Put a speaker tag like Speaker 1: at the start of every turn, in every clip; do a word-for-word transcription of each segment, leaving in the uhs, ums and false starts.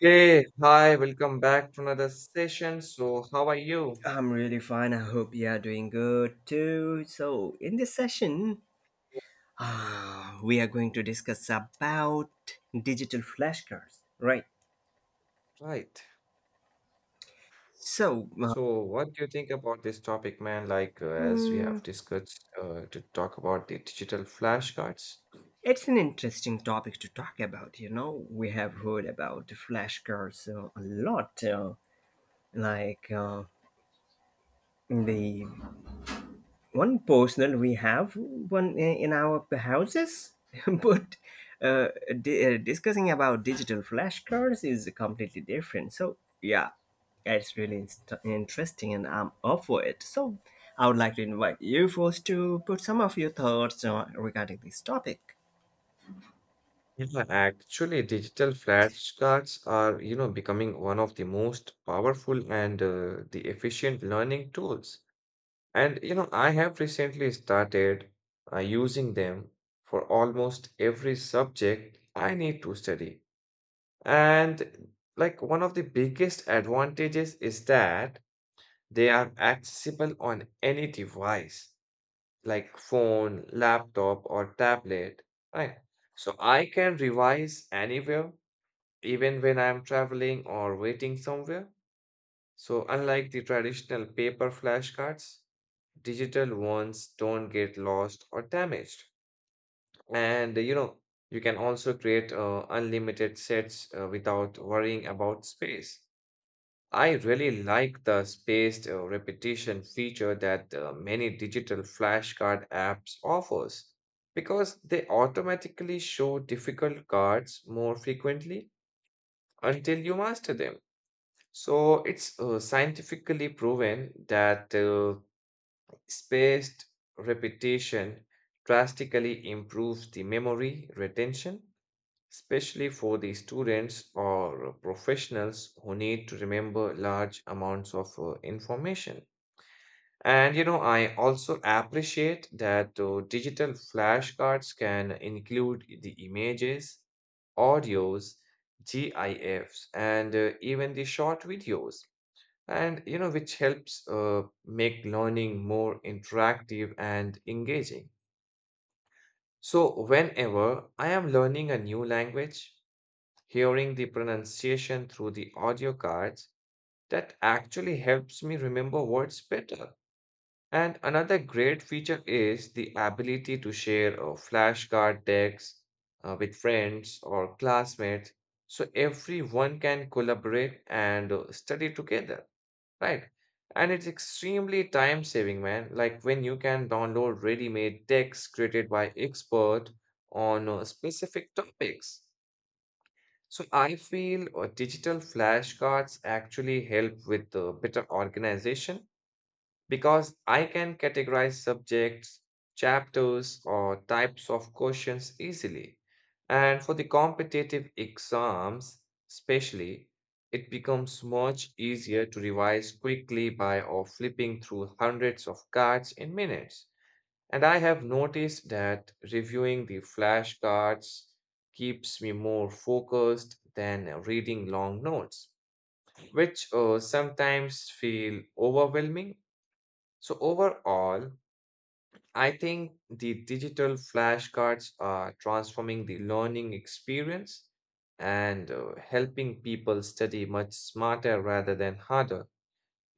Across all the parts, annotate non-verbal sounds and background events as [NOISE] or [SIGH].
Speaker 1: Hey, hi, welcome back to another session. So, how are you?
Speaker 2: I'm really fine. I hope you are doing good too. So, in this session, ah, we are going to discuss about digital flashcards, right?
Speaker 1: Right.
Speaker 2: So, uh,
Speaker 1: So, what do you think about this topic, man? Like, uh, as we
Speaker 2: hmm,
Speaker 1: have discussed uh, to talk about the digital flashcards.
Speaker 2: it's an interesting topic to talk about. You know, we have heard about flashcards uh, a lot, uh, like uh, the one personal we have one i- in our houses [LAUGHS] but uh, di- uh, discussing about digital flashcards is completely different, so yeah, it's really inst- interesting and I'm up for it, so I would like to invite you first to put some of your thoughts uh, regarding this topic.
Speaker 1: Yeah, actually, digital flashcards are, you know, becoming one of the most powerful and uh, the efficient learning tools. And, you know, I have recently started uh, using them for almost every subject I need to study. And like one of the biggest advantages is that they are accessible on any device, like phone, laptop, or tablet, right? So I can revise anywhere, even when I'm traveling or waiting somewhere. So unlike the traditional paper flashcards, digital ones don't get lost or damaged. And you know, you can also create uh, unlimited sets uh, without worrying about space. I really like the spaced uh, repetition feature that uh, many digital flashcard apps offers because they automatically show difficult cards more frequently until you master them. So it's uh, scientifically proven that uh, spaced repetition drastically improves the memory retention, especially for the students or professionals who need to remember large amounts of uh, information. And you know, I also appreciate that uh, digital flashcards can include the images, audios, GIFs, and uh, even the short videos. And you know, which helps uh, make learning more interactive and engaging. So, whenever I am learning a new language, hearing the pronunciation through the audio cards, that actually helps me remember words better. And another great feature is the ability to share a flashcard decks uh, with friends or classmates so everyone can collaborate and uh, study together, right? And it's extremely time saving, man. Like when you can download ready made decks created by expert on uh, specific topics so I feel uh, digital flashcards actually help with uh, better organization because I can categorize subjects, chapters, or types of questions easily. And for the competitive exams, especially, it becomes much easier to revise quickly by or flipping through hundreds of cards in minutes. And I have noticed that reviewing the flashcards keeps me more focused than uh, reading long notes, which uh, sometimes feel overwhelming. So, overall, I think the digital flashcards are transforming the learning experience and uh, helping people study much smarter rather than harder,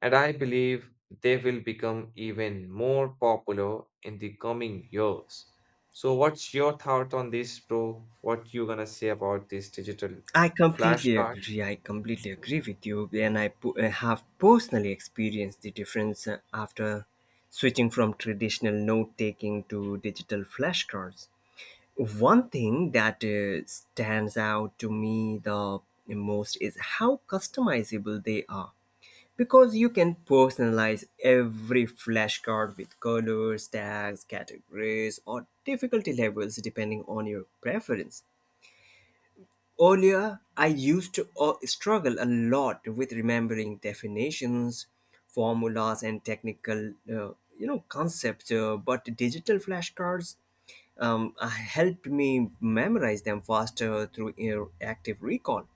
Speaker 1: and I believe they will become even more popular in the coming years. So, what's your thought on this, bro? What you gonna say about these digital
Speaker 2: i completely
Speaker 1: flashcards?
Speaker 2: agree i completely agree with you, and i po- uh, have personally experienced the difference uh, after switching from traditional note taking to digital flashcards. One thing that uh, stands out to me the most is how customizable they are. Because you can personalize every flashcard with colors, tags, categories, or difficulty levels depending on your preference. Earlier, I used to uh, struggle a lot with remembering definitions, formulas, and technical, uh, you know, concepts. Uh, but digital flashcards um, uh, helped me memorize them faster through uh, active recall.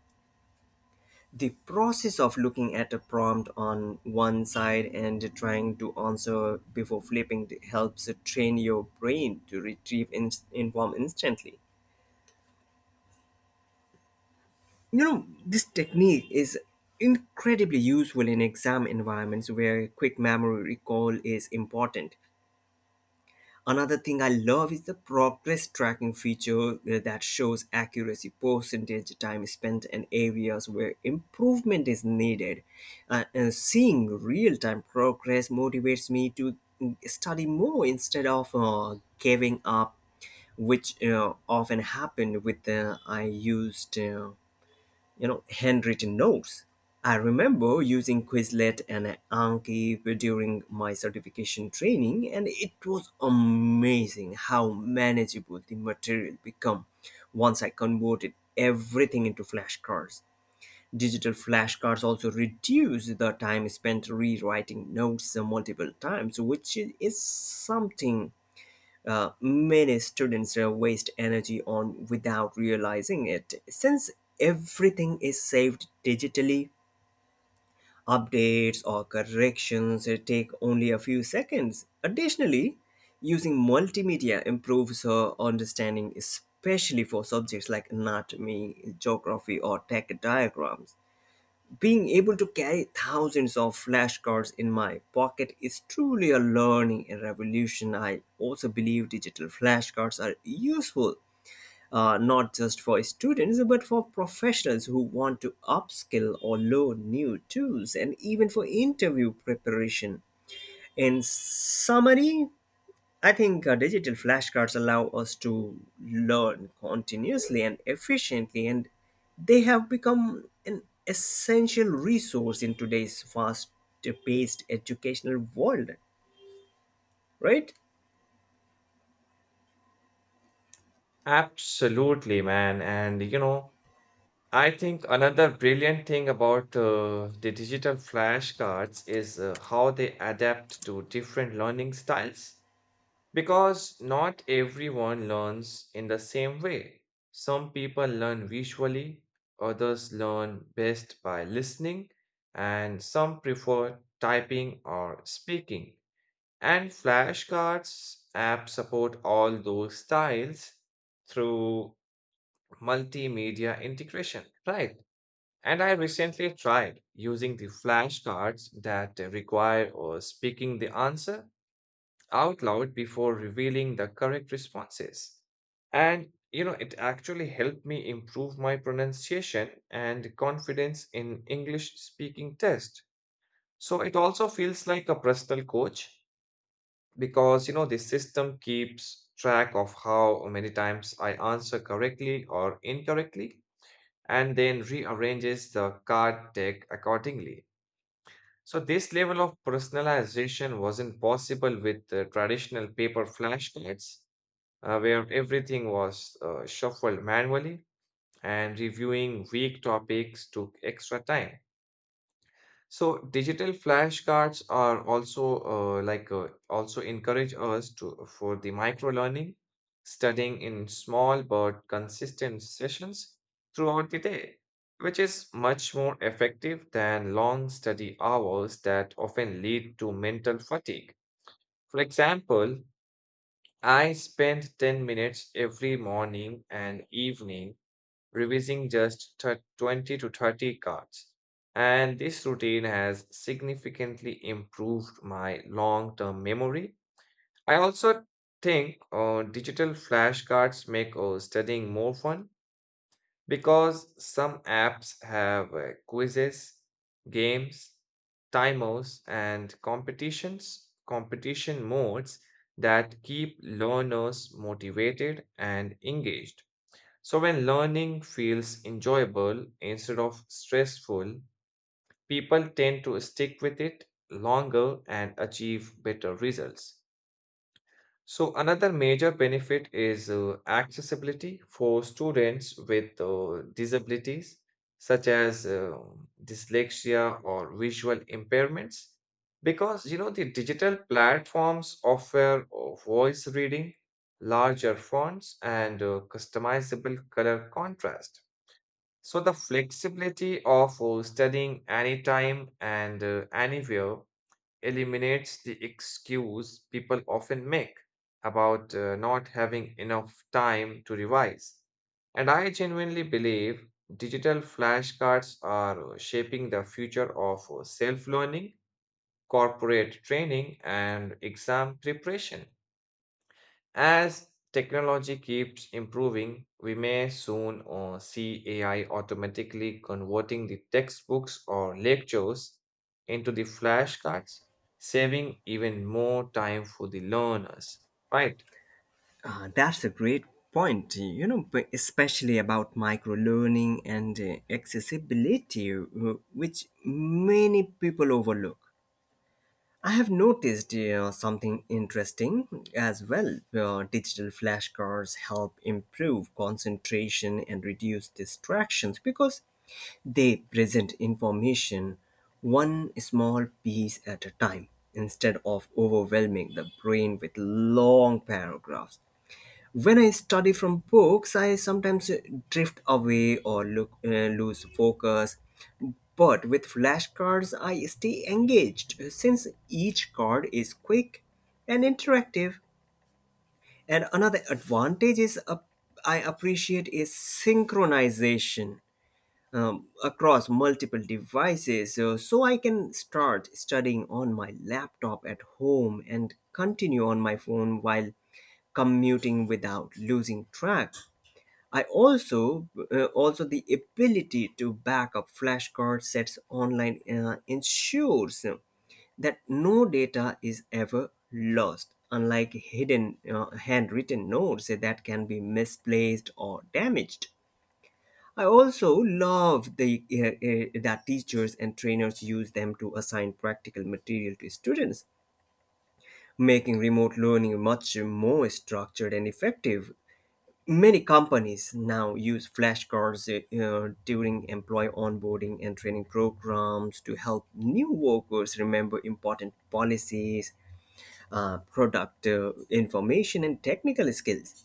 Speaker 2: The process of looking at a prompt on one side and trying to answer before flipping helps train your brain to retrieve in- inform instantly. You know, this technique is incredibly useful in exam environments where quick memory recall is important. Another thing I love is the progress tracking feature uh, that shows accuracy, percentage, time spent, and areas where improvement is needed. Uh, and seeing real time progress motivates me to mm, study more instead of uh, giving up, which uh, often happened with uh, I used. Uh, you know, handwritten notes. I remember using Quizlet and Anki during my certification training, and it was amazing how manageable the material became once I converted everything into flashcards. Digital flashcards also reduce the time spent rewriting notes multiple times, which is something uh, many students uh, waste energy on without realizing it. Since everything is saved digitally, updates or corrections uh, take only a few seconds. Additionally, using multimedia improves her understanding, especially for subjects like anatomy, geography, or tech diagrams. Being able to carry thousands of flashcards in my pocket is truly a learning and revolution. I also believe digital flashcards are useful uh, not just for students but for professionals who want to upskill or learn new tools and even for interview preparation. In summary, I think uh, digital flashcards allow us to learn continuously and efficiently, and they have become an essential resource in today's fast paced educational world, right?
Speaker 1: Absolutely, man. And you know, I think another brilliant thing about uh, the digital flashcards is uh, how they adapt to different learning styles, because not everyone learns in the same way. Some people learn visually, others learn best by listening, and some prefer typing or speaking. And flashcards app support all those styles through multimedia integration. Right. And I recently tried using the flashcards that require uh, speaking the answer out loud before revealing the correct responses. And you know, it actually helped me improve my pronunciation and confidence in English speaking test. So it also feels like a personal coach because you know the system keeps track of how many times I answer correctly or incorrectly and then rearranges the card deck accordingly. So this level of personalization wasn't possible with the traditional paper flashcards, uh, where everything was uh, shuffled manually and reviewing weak topics took extra time. So digital flashcards are also uh, like uh, also encourage us to for the micro learning, studying in small but consistent sessions throughout the day, which is much more effective than long study hours that often lead to mental fatigue. For example, I spend ten minutes every morning and evening revising just thir- twenty to thirty cards. And this routine has significantly improved my long-term memory. I also think uh, digital flashcards make uh, studying more fun because some apps have uh, quizzes, games, timers, and competitions, competition modes that keep learners motivated and engaged. So, when learning feels enjoyable instead of stressful, people tend to stick with it longer and achieve better results. So another major benefit is uh, accessibility for students with uh, disabilities such as uh, dyslexia or visual impairments because you know the digital platforms offer uh, voice reading, larger fonts, and uh, customizable color contrast. So the flexibility of uh, studying anytime and uh, anywhere eliminates the excuse people often make about uh, not having enough time to revise. And I genuinely believe digital flashcards are shaping the future of self learning, corporate training, and exam preparation. As technology keeps improving, we may soon uh, see A I automatically converting the textbooks or lectures into the flashcards, saving even more time for the learners. Right?
Speaker 2: Uh, that's a great point, you know, but especially about micro learning and uh, accessibility, uh, which many people overlook. I have noticed uh, something interesting as well. Uh, digital flashcards help improve concentration and reduce distractions because they present information one small piece at a time instead of overwhelming the brain with long paragraphs. When I study from books, I sometimes drift away or look uh, lose focus. But with flashcards, I stay engaged since each card is quick and interactive. And another advantage is uh, I appreciate is synchronization, um, across multiple devices, so, so I can start studying on my laptop at home and continue on my phone while commuting without losing track. I also uh, also the ability to back up flashcard sets online uh, ensures that no data is ever lost, unlike hidden uh, handwritten notes that can be misplaced or damaged. I also love the uh, uh, that teachers and trainers use them to assign practical material to students, making remote learning much more structured and effective. Many companies now use flashcards uh, during employee onboarding and training programs to help new workers remember important policies, uh, product uh, information, and technical skills.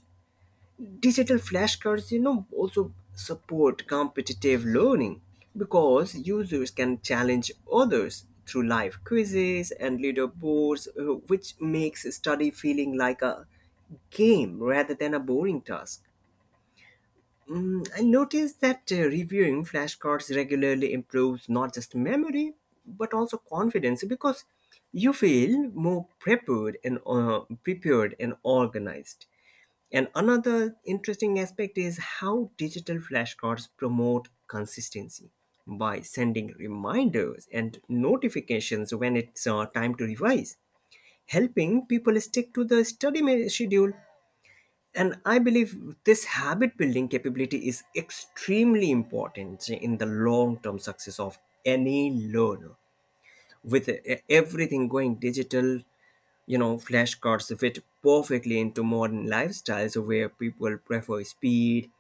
Speaker 2: Digital flashcards, you know, also support competitive learning because users can challenge others through live quizzes and leaderboards, uh, which makes study feeling like a game rather than a boring task. I noticed that uh, reviewing flashcards regularly improves not just memory but also confidence because you feel more prepared and uh, prepared and organized. And another interesting aspect is how digital flashcards promote consistency by sending reminders and notifications when it's uh, time to revise, helping people stick to the study ma- schedule. And I believe this habit building capability is extremely important in the long term success of any learner. With e- everything going digital, you know, flashcards fit perfectly into modern lifestyles where people prefer speed,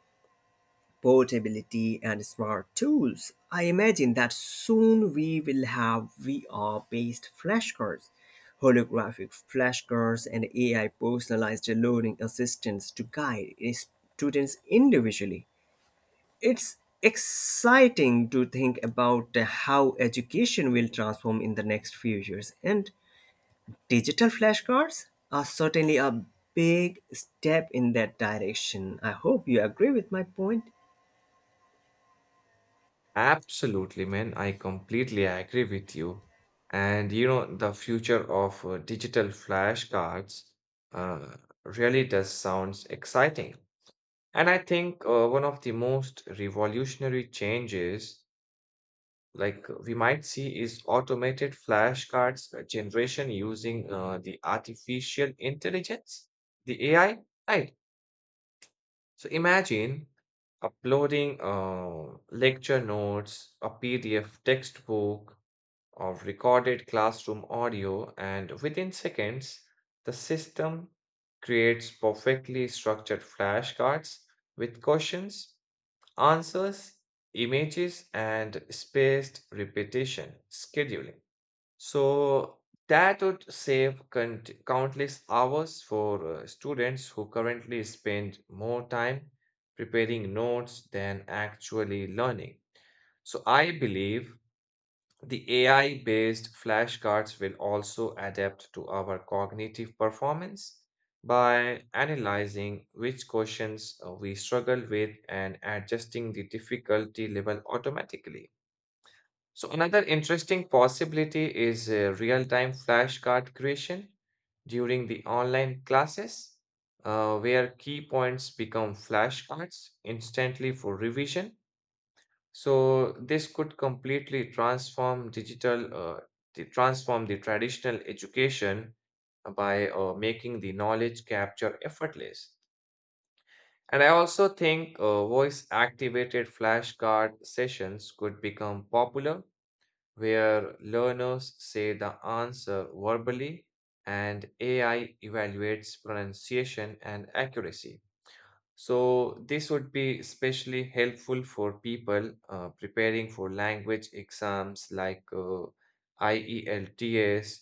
Speaker 2: portability, and smart tools. I imagine that soon we will have V R based flashcards, holographic flashcards, and A I personalized learning assistants to guide students individually. It's exciting to think about how education will transform in the next few years, and digital flashcards are certainly a big step in that direction. I hope you agree with my point.
Speaker 1: Absolutely, man. I completely agree with you. And you know, the future of uh, digital flashcards uh, really does sounds exciting. And I think uh, one of the most revolutionary changes like uh, we might see is automated flashcards uh, generation using uh, the artificial intelligence, the A I, right? So imagine uploading uh, lecture notes, a P D F textbook, or recorded classroom audio, and within seconds, the system creates perfectly structured flashcards with questions, answers, images, and spaced repetition scheduling. So that would save count- countless hours for uh, students who currently spend more time preparing notes than actually learning. So I believe the A I based flashcards will also adapt to our cognitive performance by analyzing which questions uh, we struggle with and adjusting the difficulty level automatically. So, another interesting possibility is uh, real time flashcard creation during the online classes, uh, where key points become flashcards instantly for revision, so this could completely transform digital, uh, the transform the traditional education uh, by uh, making the knowledge capture effortless. And I also think uh, voice-activated flashcard sessions could become popular, where learners say the answer verbally and A I evaluates pronunciation and accuracy. So, this would be especially helpful for people uh, preparing for language exams like uh, IELTS,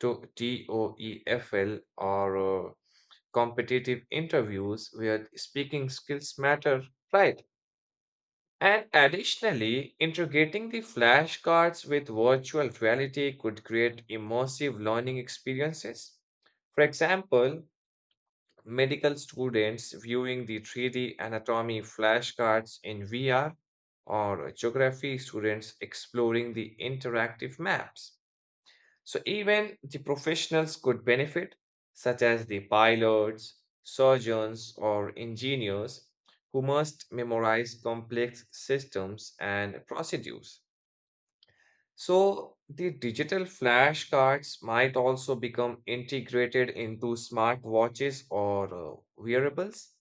Speaker 1: to- TOEFL, or uh, competitive interviews where speaking skills matter, right? And additionally, integrating the flashcards with virtual reality could create immersive learning experiences. For example, medical students viewing the three D anatomy flashcards in V R, or geography students exploring the interactive maps. So, even the professionals could benefit, such as the pilots, surgeons, or engineers who must memorize complex systems and procedures. So, the digital flashcards might also become integrated into smartwatches or uh, wearables,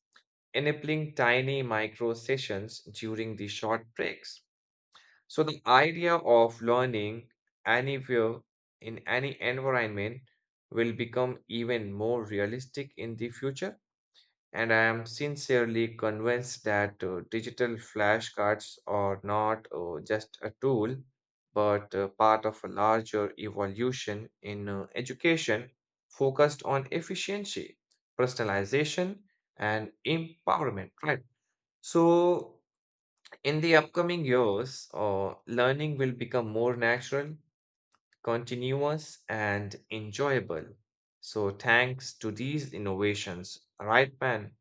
Speaker 1: enabling tiny micro sessions during the short breaks. So, the idea of learning anywhere in any environment will become even more realistic in the future. And I am sincerely convinced that uh, digital flashcards are not uh, just a tool, but uh, part of a larger evolution in uh, education focused on efficiency, personalization, and empowerment, right? So, in the upcoming years, uh, learning will become more natural, continuous, and enjoyable. So, thanks to these innovations, right, man?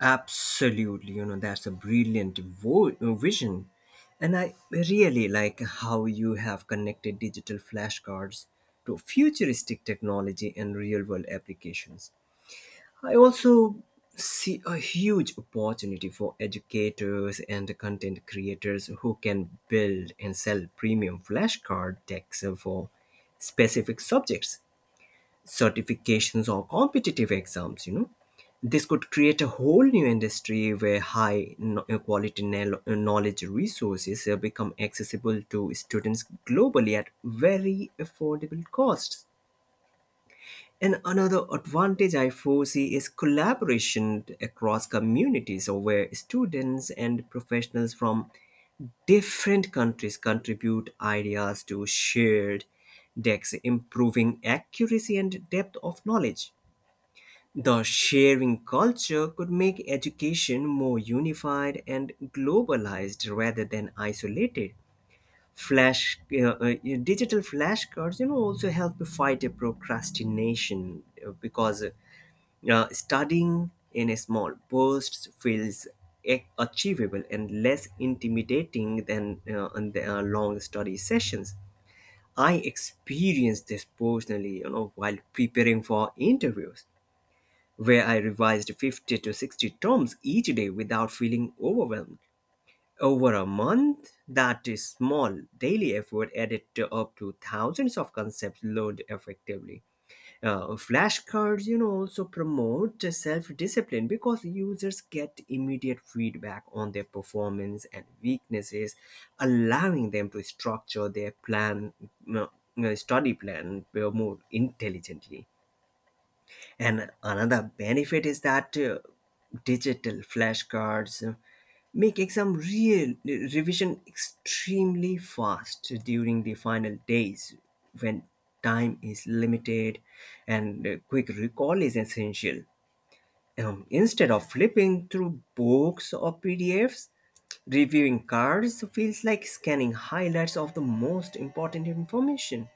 Speaker 2: Absolutely, you know, that's a brilliant vo- uh, vision. And I really like how you have connected digital flashcards to futuristic technology and real world applications. I also see a huge opportunity for educators and content creators who can build and sell premium flashcard decks for specific subjects, certifications, or competitive exams. You know, this could create a whole new industry where high no- uh, quality nel- uh, knowledge resources uh, become accessible to students globally at very affordable costs. And another advantage I foresee is collaboration across communities, or where students and professionals from different countries contribute ideas to shared decks, improving accuracy and depth of knowledge. The sharing culture could make education more unified and globalized rather than isolated. Flash, uh, uh, Digital flashcards, you know, also help fight a procrastination uh, because uh, studying in a small bursts feels a- achievable and less intimidating than uh, on the, uh, long study sessions. I experienced this personally, you know, while preparing for interviews where I revised fifty to sixty terms each day without feeling overwhelmed. Over a month, that is small daily effort added to up to thousands of concepts learned effectively. Uh, flashcards, you know, also promote self-discipline because users get immediate feedback on their performance and weaknesses, allowing them to structure their plan, you know, study plan uh, more intelligently. And another benefit is that uh, digital flashcards uh, make exam real revision extremely fast during the final days when time is limited and uh, quick recall is essential. Um, instead of flipping through books or P D Fs, reviewing cards feels like scanning highlights of the most important information.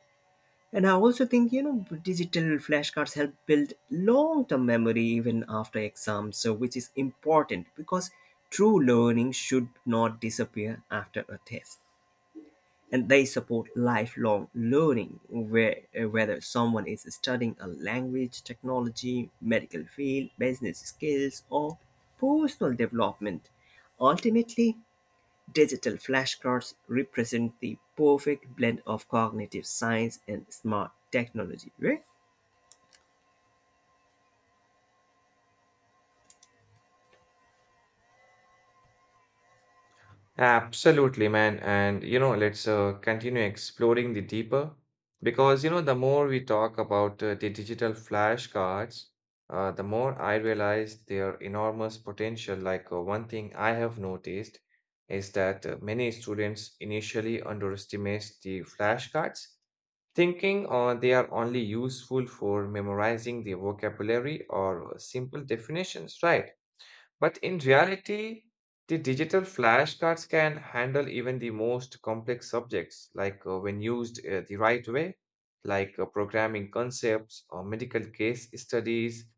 Speaker 2: And I also think, you know, digital flashcards help build long term memory even after exams, so which is important because true learning should not disappear after a test. And they support lifelong learning, where, uh, whether someone is studying a language, technology, medical field, business skills, or personal development. Ultimately, digital flashcards represent the perfect blend of cognitive science and smart technology, right?
Speaker 1: Absolutely, man. And you know, let's uh, continue exploring the deeper because you know, the more we talk about uh, the digital flashcards, uh, the more I realize their enormous potential. Like, uh, one thing I have noticed is that uh, many students initially underestimate the flashcards, thinking uh, they are only useful for memorizing the vocabulary or uh, simple definitions, right? But in reality, the digital flashcards can handle even the most complex subjects, like uh, when used uh, the right way, like uh, programming concepts or medical case studies,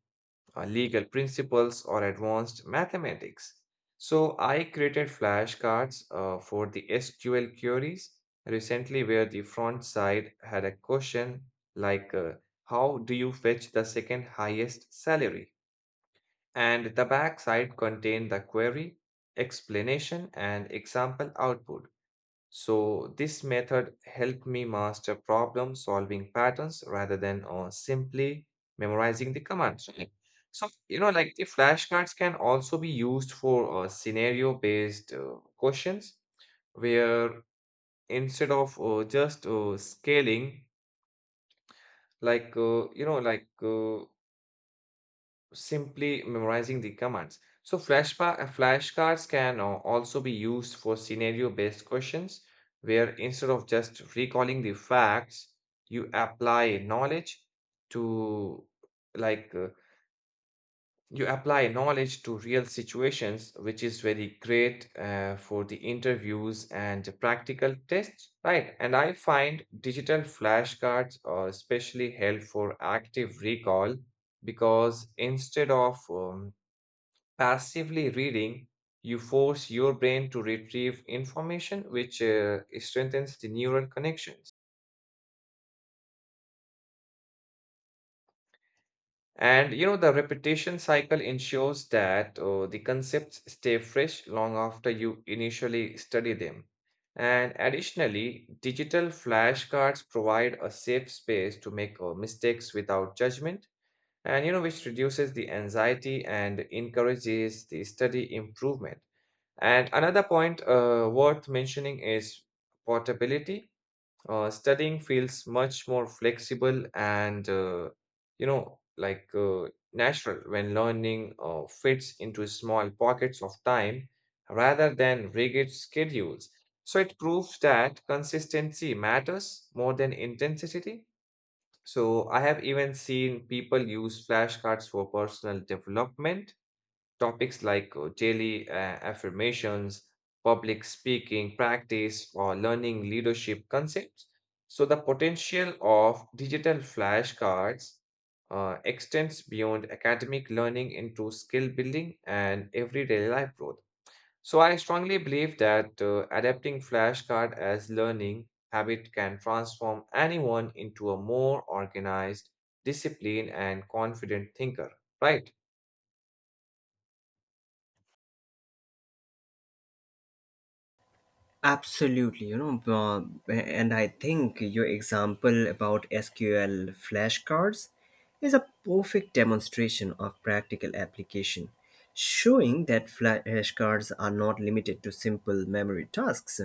Speaker 1: or legal principles, or advanced mathematics. So I created flashcards uh, for the sequel queries recently where the front side had a question like, uh, how do you fetch the second highest salary? And the backside contain the query, explanation, and example output. So this method helped me master problem solving patterns rather than uh, simply memorizing the commands, right? So, you know, like the flashcards can also be used for uh, scenario-based uh, questions where instead of uh, just uh, scaling, like, uh, you know, like uh, simply memorizing the commands. So flashpa- uh, flashcards can uh, also be used for scenario-based questions, where instead of just recalling the facts, you apply knowledge to like uh, you apply knowledge to real situations, which is very great uh, for the interviews and practical tests, right? And I find digital flashcards are especially helpful for active recall because instead of um, passively reading, you force your brain to retrieve information which uh, strengthens the neural connections. And you know, the repetition cycle ensures that uh, the concepts stay fresh long after you initially study them. And additionally, digital flashcards provide a safe space to make uh, mistakes without judgment, and you know, which reduces the anxiety and encourages the study improvement. And another point uh, worth mentioning is portability. Uh, studying feels much more flexible and, uh, you know, like uh, natural when learning uh, fits into small pockets of time rather than rigid schedules. So it proves that consistency matters more than intensity. So I have even seen people use flashcards for personal development topics like uh, daily uh, affirmations, public speaking practice, or learning leadership concepts. So, the potential of digital flashcards uh, extends beyond academic learning into skill building and everyday life growth. So, I strongly believe that uh, adapting flashcard as learning habit can transform anyone into a more organized, disciplined, and confident thinker, right?
Speaker 2: Absolutely, you know, um, and I think your example about S Q L flashcards is a perfect demonstration of practical application, showing that flashcards are not limited to simple memory tasks.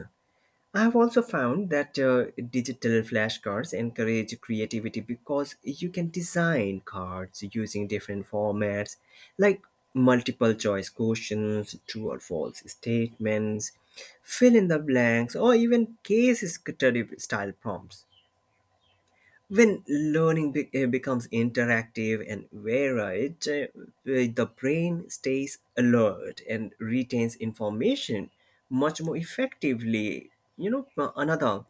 Speaker 2: I have also found that uh, digital flashcards encourage creativity because you can design cards using different formats like multiple choice questions, true or false statements, fill in the blanks, or even case study style prompts. When learning be- uh, becomes interactive and varied, uh, uh, the brain stays alert and retains information much more effectively. You know, uh, another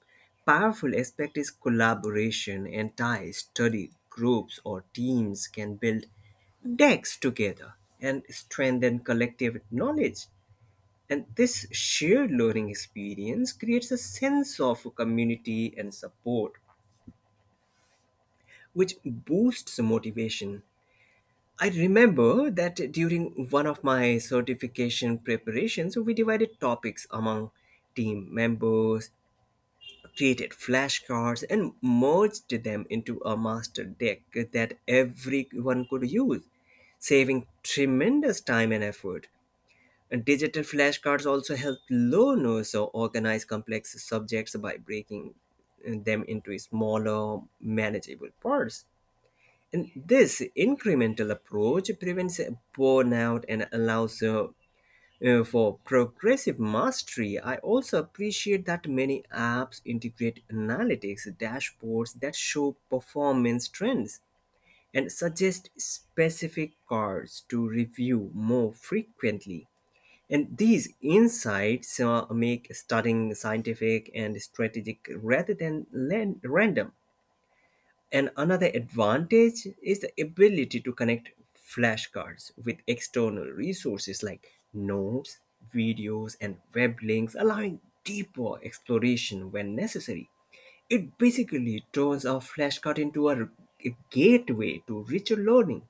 Speaker 2: powerful aspect is collaboration and ties. Study groups or teams can build decks together and strengthen collective knowledge. And this shared learning experience creates a sense of community and support which boosts motivation. I remember that during one of my certification preparations, we divided topics among team members, created flashcards, and merged them into a master deck that everyone could use, saving tremendous time and effort. And digital flashcards also help learners organize complex subjects by breaking them into smaller, manageable parts. And this incremental approach prevents burnout and allows uh, uh, for progressive mastery. I also appreciate that many apps integrate analytics dashboards that show performance trends and suggest specific cards to review more frequently. And these insights uh, make studying scientific and strategic rather than lan- random. And another advantage is the ability to connect flashcards with external resources like notes, videos, and web links, allowing deeper exploration when necessary. It basically turns our flashcard into a, a gateway to richer learning.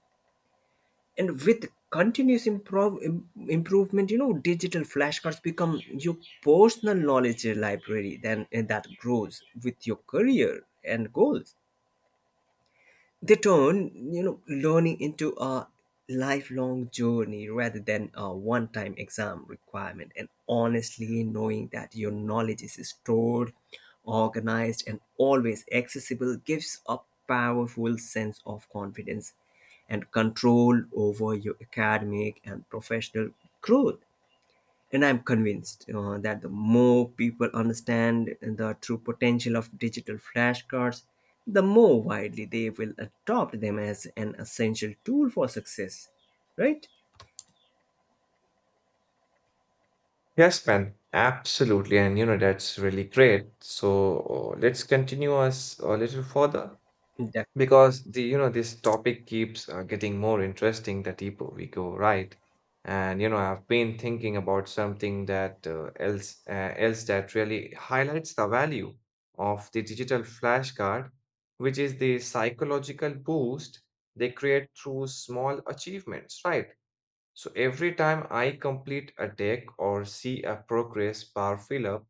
Speaker 2: And with continuous improv, im- improvement, you know, digital flashcards become your personal knowledge library then, and that grows with your career and goals. They turn, you know, learning into a lifelong journey rather than a one-time exam requirement. And honestly, knowing that your knowledge is stored, organized, and always accessible gives a powerful sense of confidence and control over your academic and professional growth. And I'm convinced uh, that the more people understand the true potential of digital flashcards, the more widely they will adopt them as an essential tool for success. Right?
Speaker 1: Yes, man, absolutely. And you know, that's really great. So uh, let's continue us a little further
Speaker 2: Def-
Speaker 1: because the, you know, this topic keeps uh, getting more interesting the deeper we go, right? And you know, I've been thinking about something that uh, else uh, else that really highlights the value of the digital flashcard, which is the psychological boost they create through small achievements, right? So every time I complete a deck or see a progress bar fill up,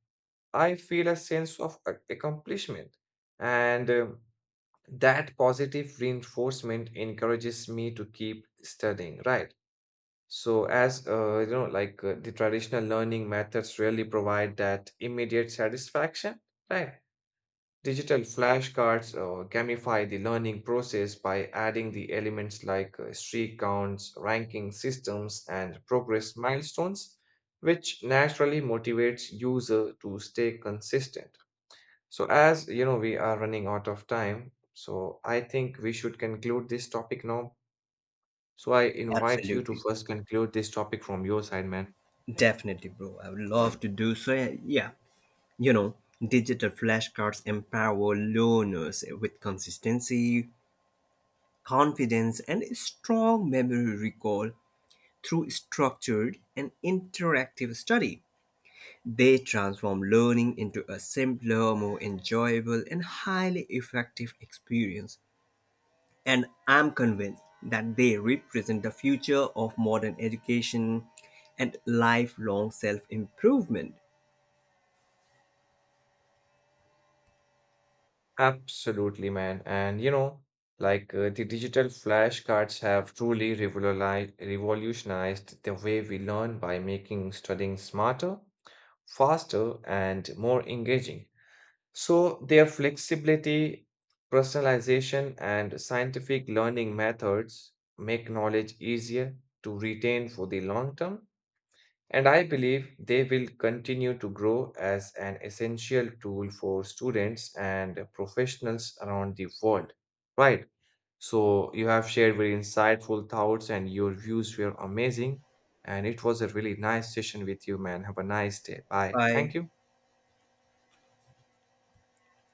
Speaker 1: I feel a sense of a- accomplishment. And um, that positive reinforcement encourages me to keep studying, right? So as uh, you know, like uh, the traditional learning methods really provide that immediate satisfaction, right? Digital flashcards uh, gamify the learning process by adding the elements like uh, streak counts, ranking systems, and progress milestones, which naturally motivates user to stay consistent. So as you know, we are running out of time, so I think we should conclude this topic now. So I invite you to
Speaker 2: Absolutely.
Speaker 1: first conclude this topic from your side, man.
Speaker 2: Definitely, bro. I would love to do so. Yeah. You know, digital flashcards empower learners with consistency, confidence, and strong memory recall through structured and interactive study. They transform learning into a simpler, more enjoyable, and highly effective experience. And I'm convinced that they represent the future of modern education and lifelong self improvement.
Speaker 1: Absolutely, man. And you know, like uh, the digital flashcards have truly revoluli- revolutionized the way we learn by making studying smarter, faster, and more engaging. So, their flexibility, personalization, and scientific learning methods make knowledge easier to retain for the long term. And I believe they will continue to grow as an essential tool for students and professionals around the world. Right. So, you have shared very insightful thoughts, and your views were amazing. And it was a really nice session with you, man. Have a nice day. Bye. Thank
Speaker 2: Bye.
Speaker 1: you.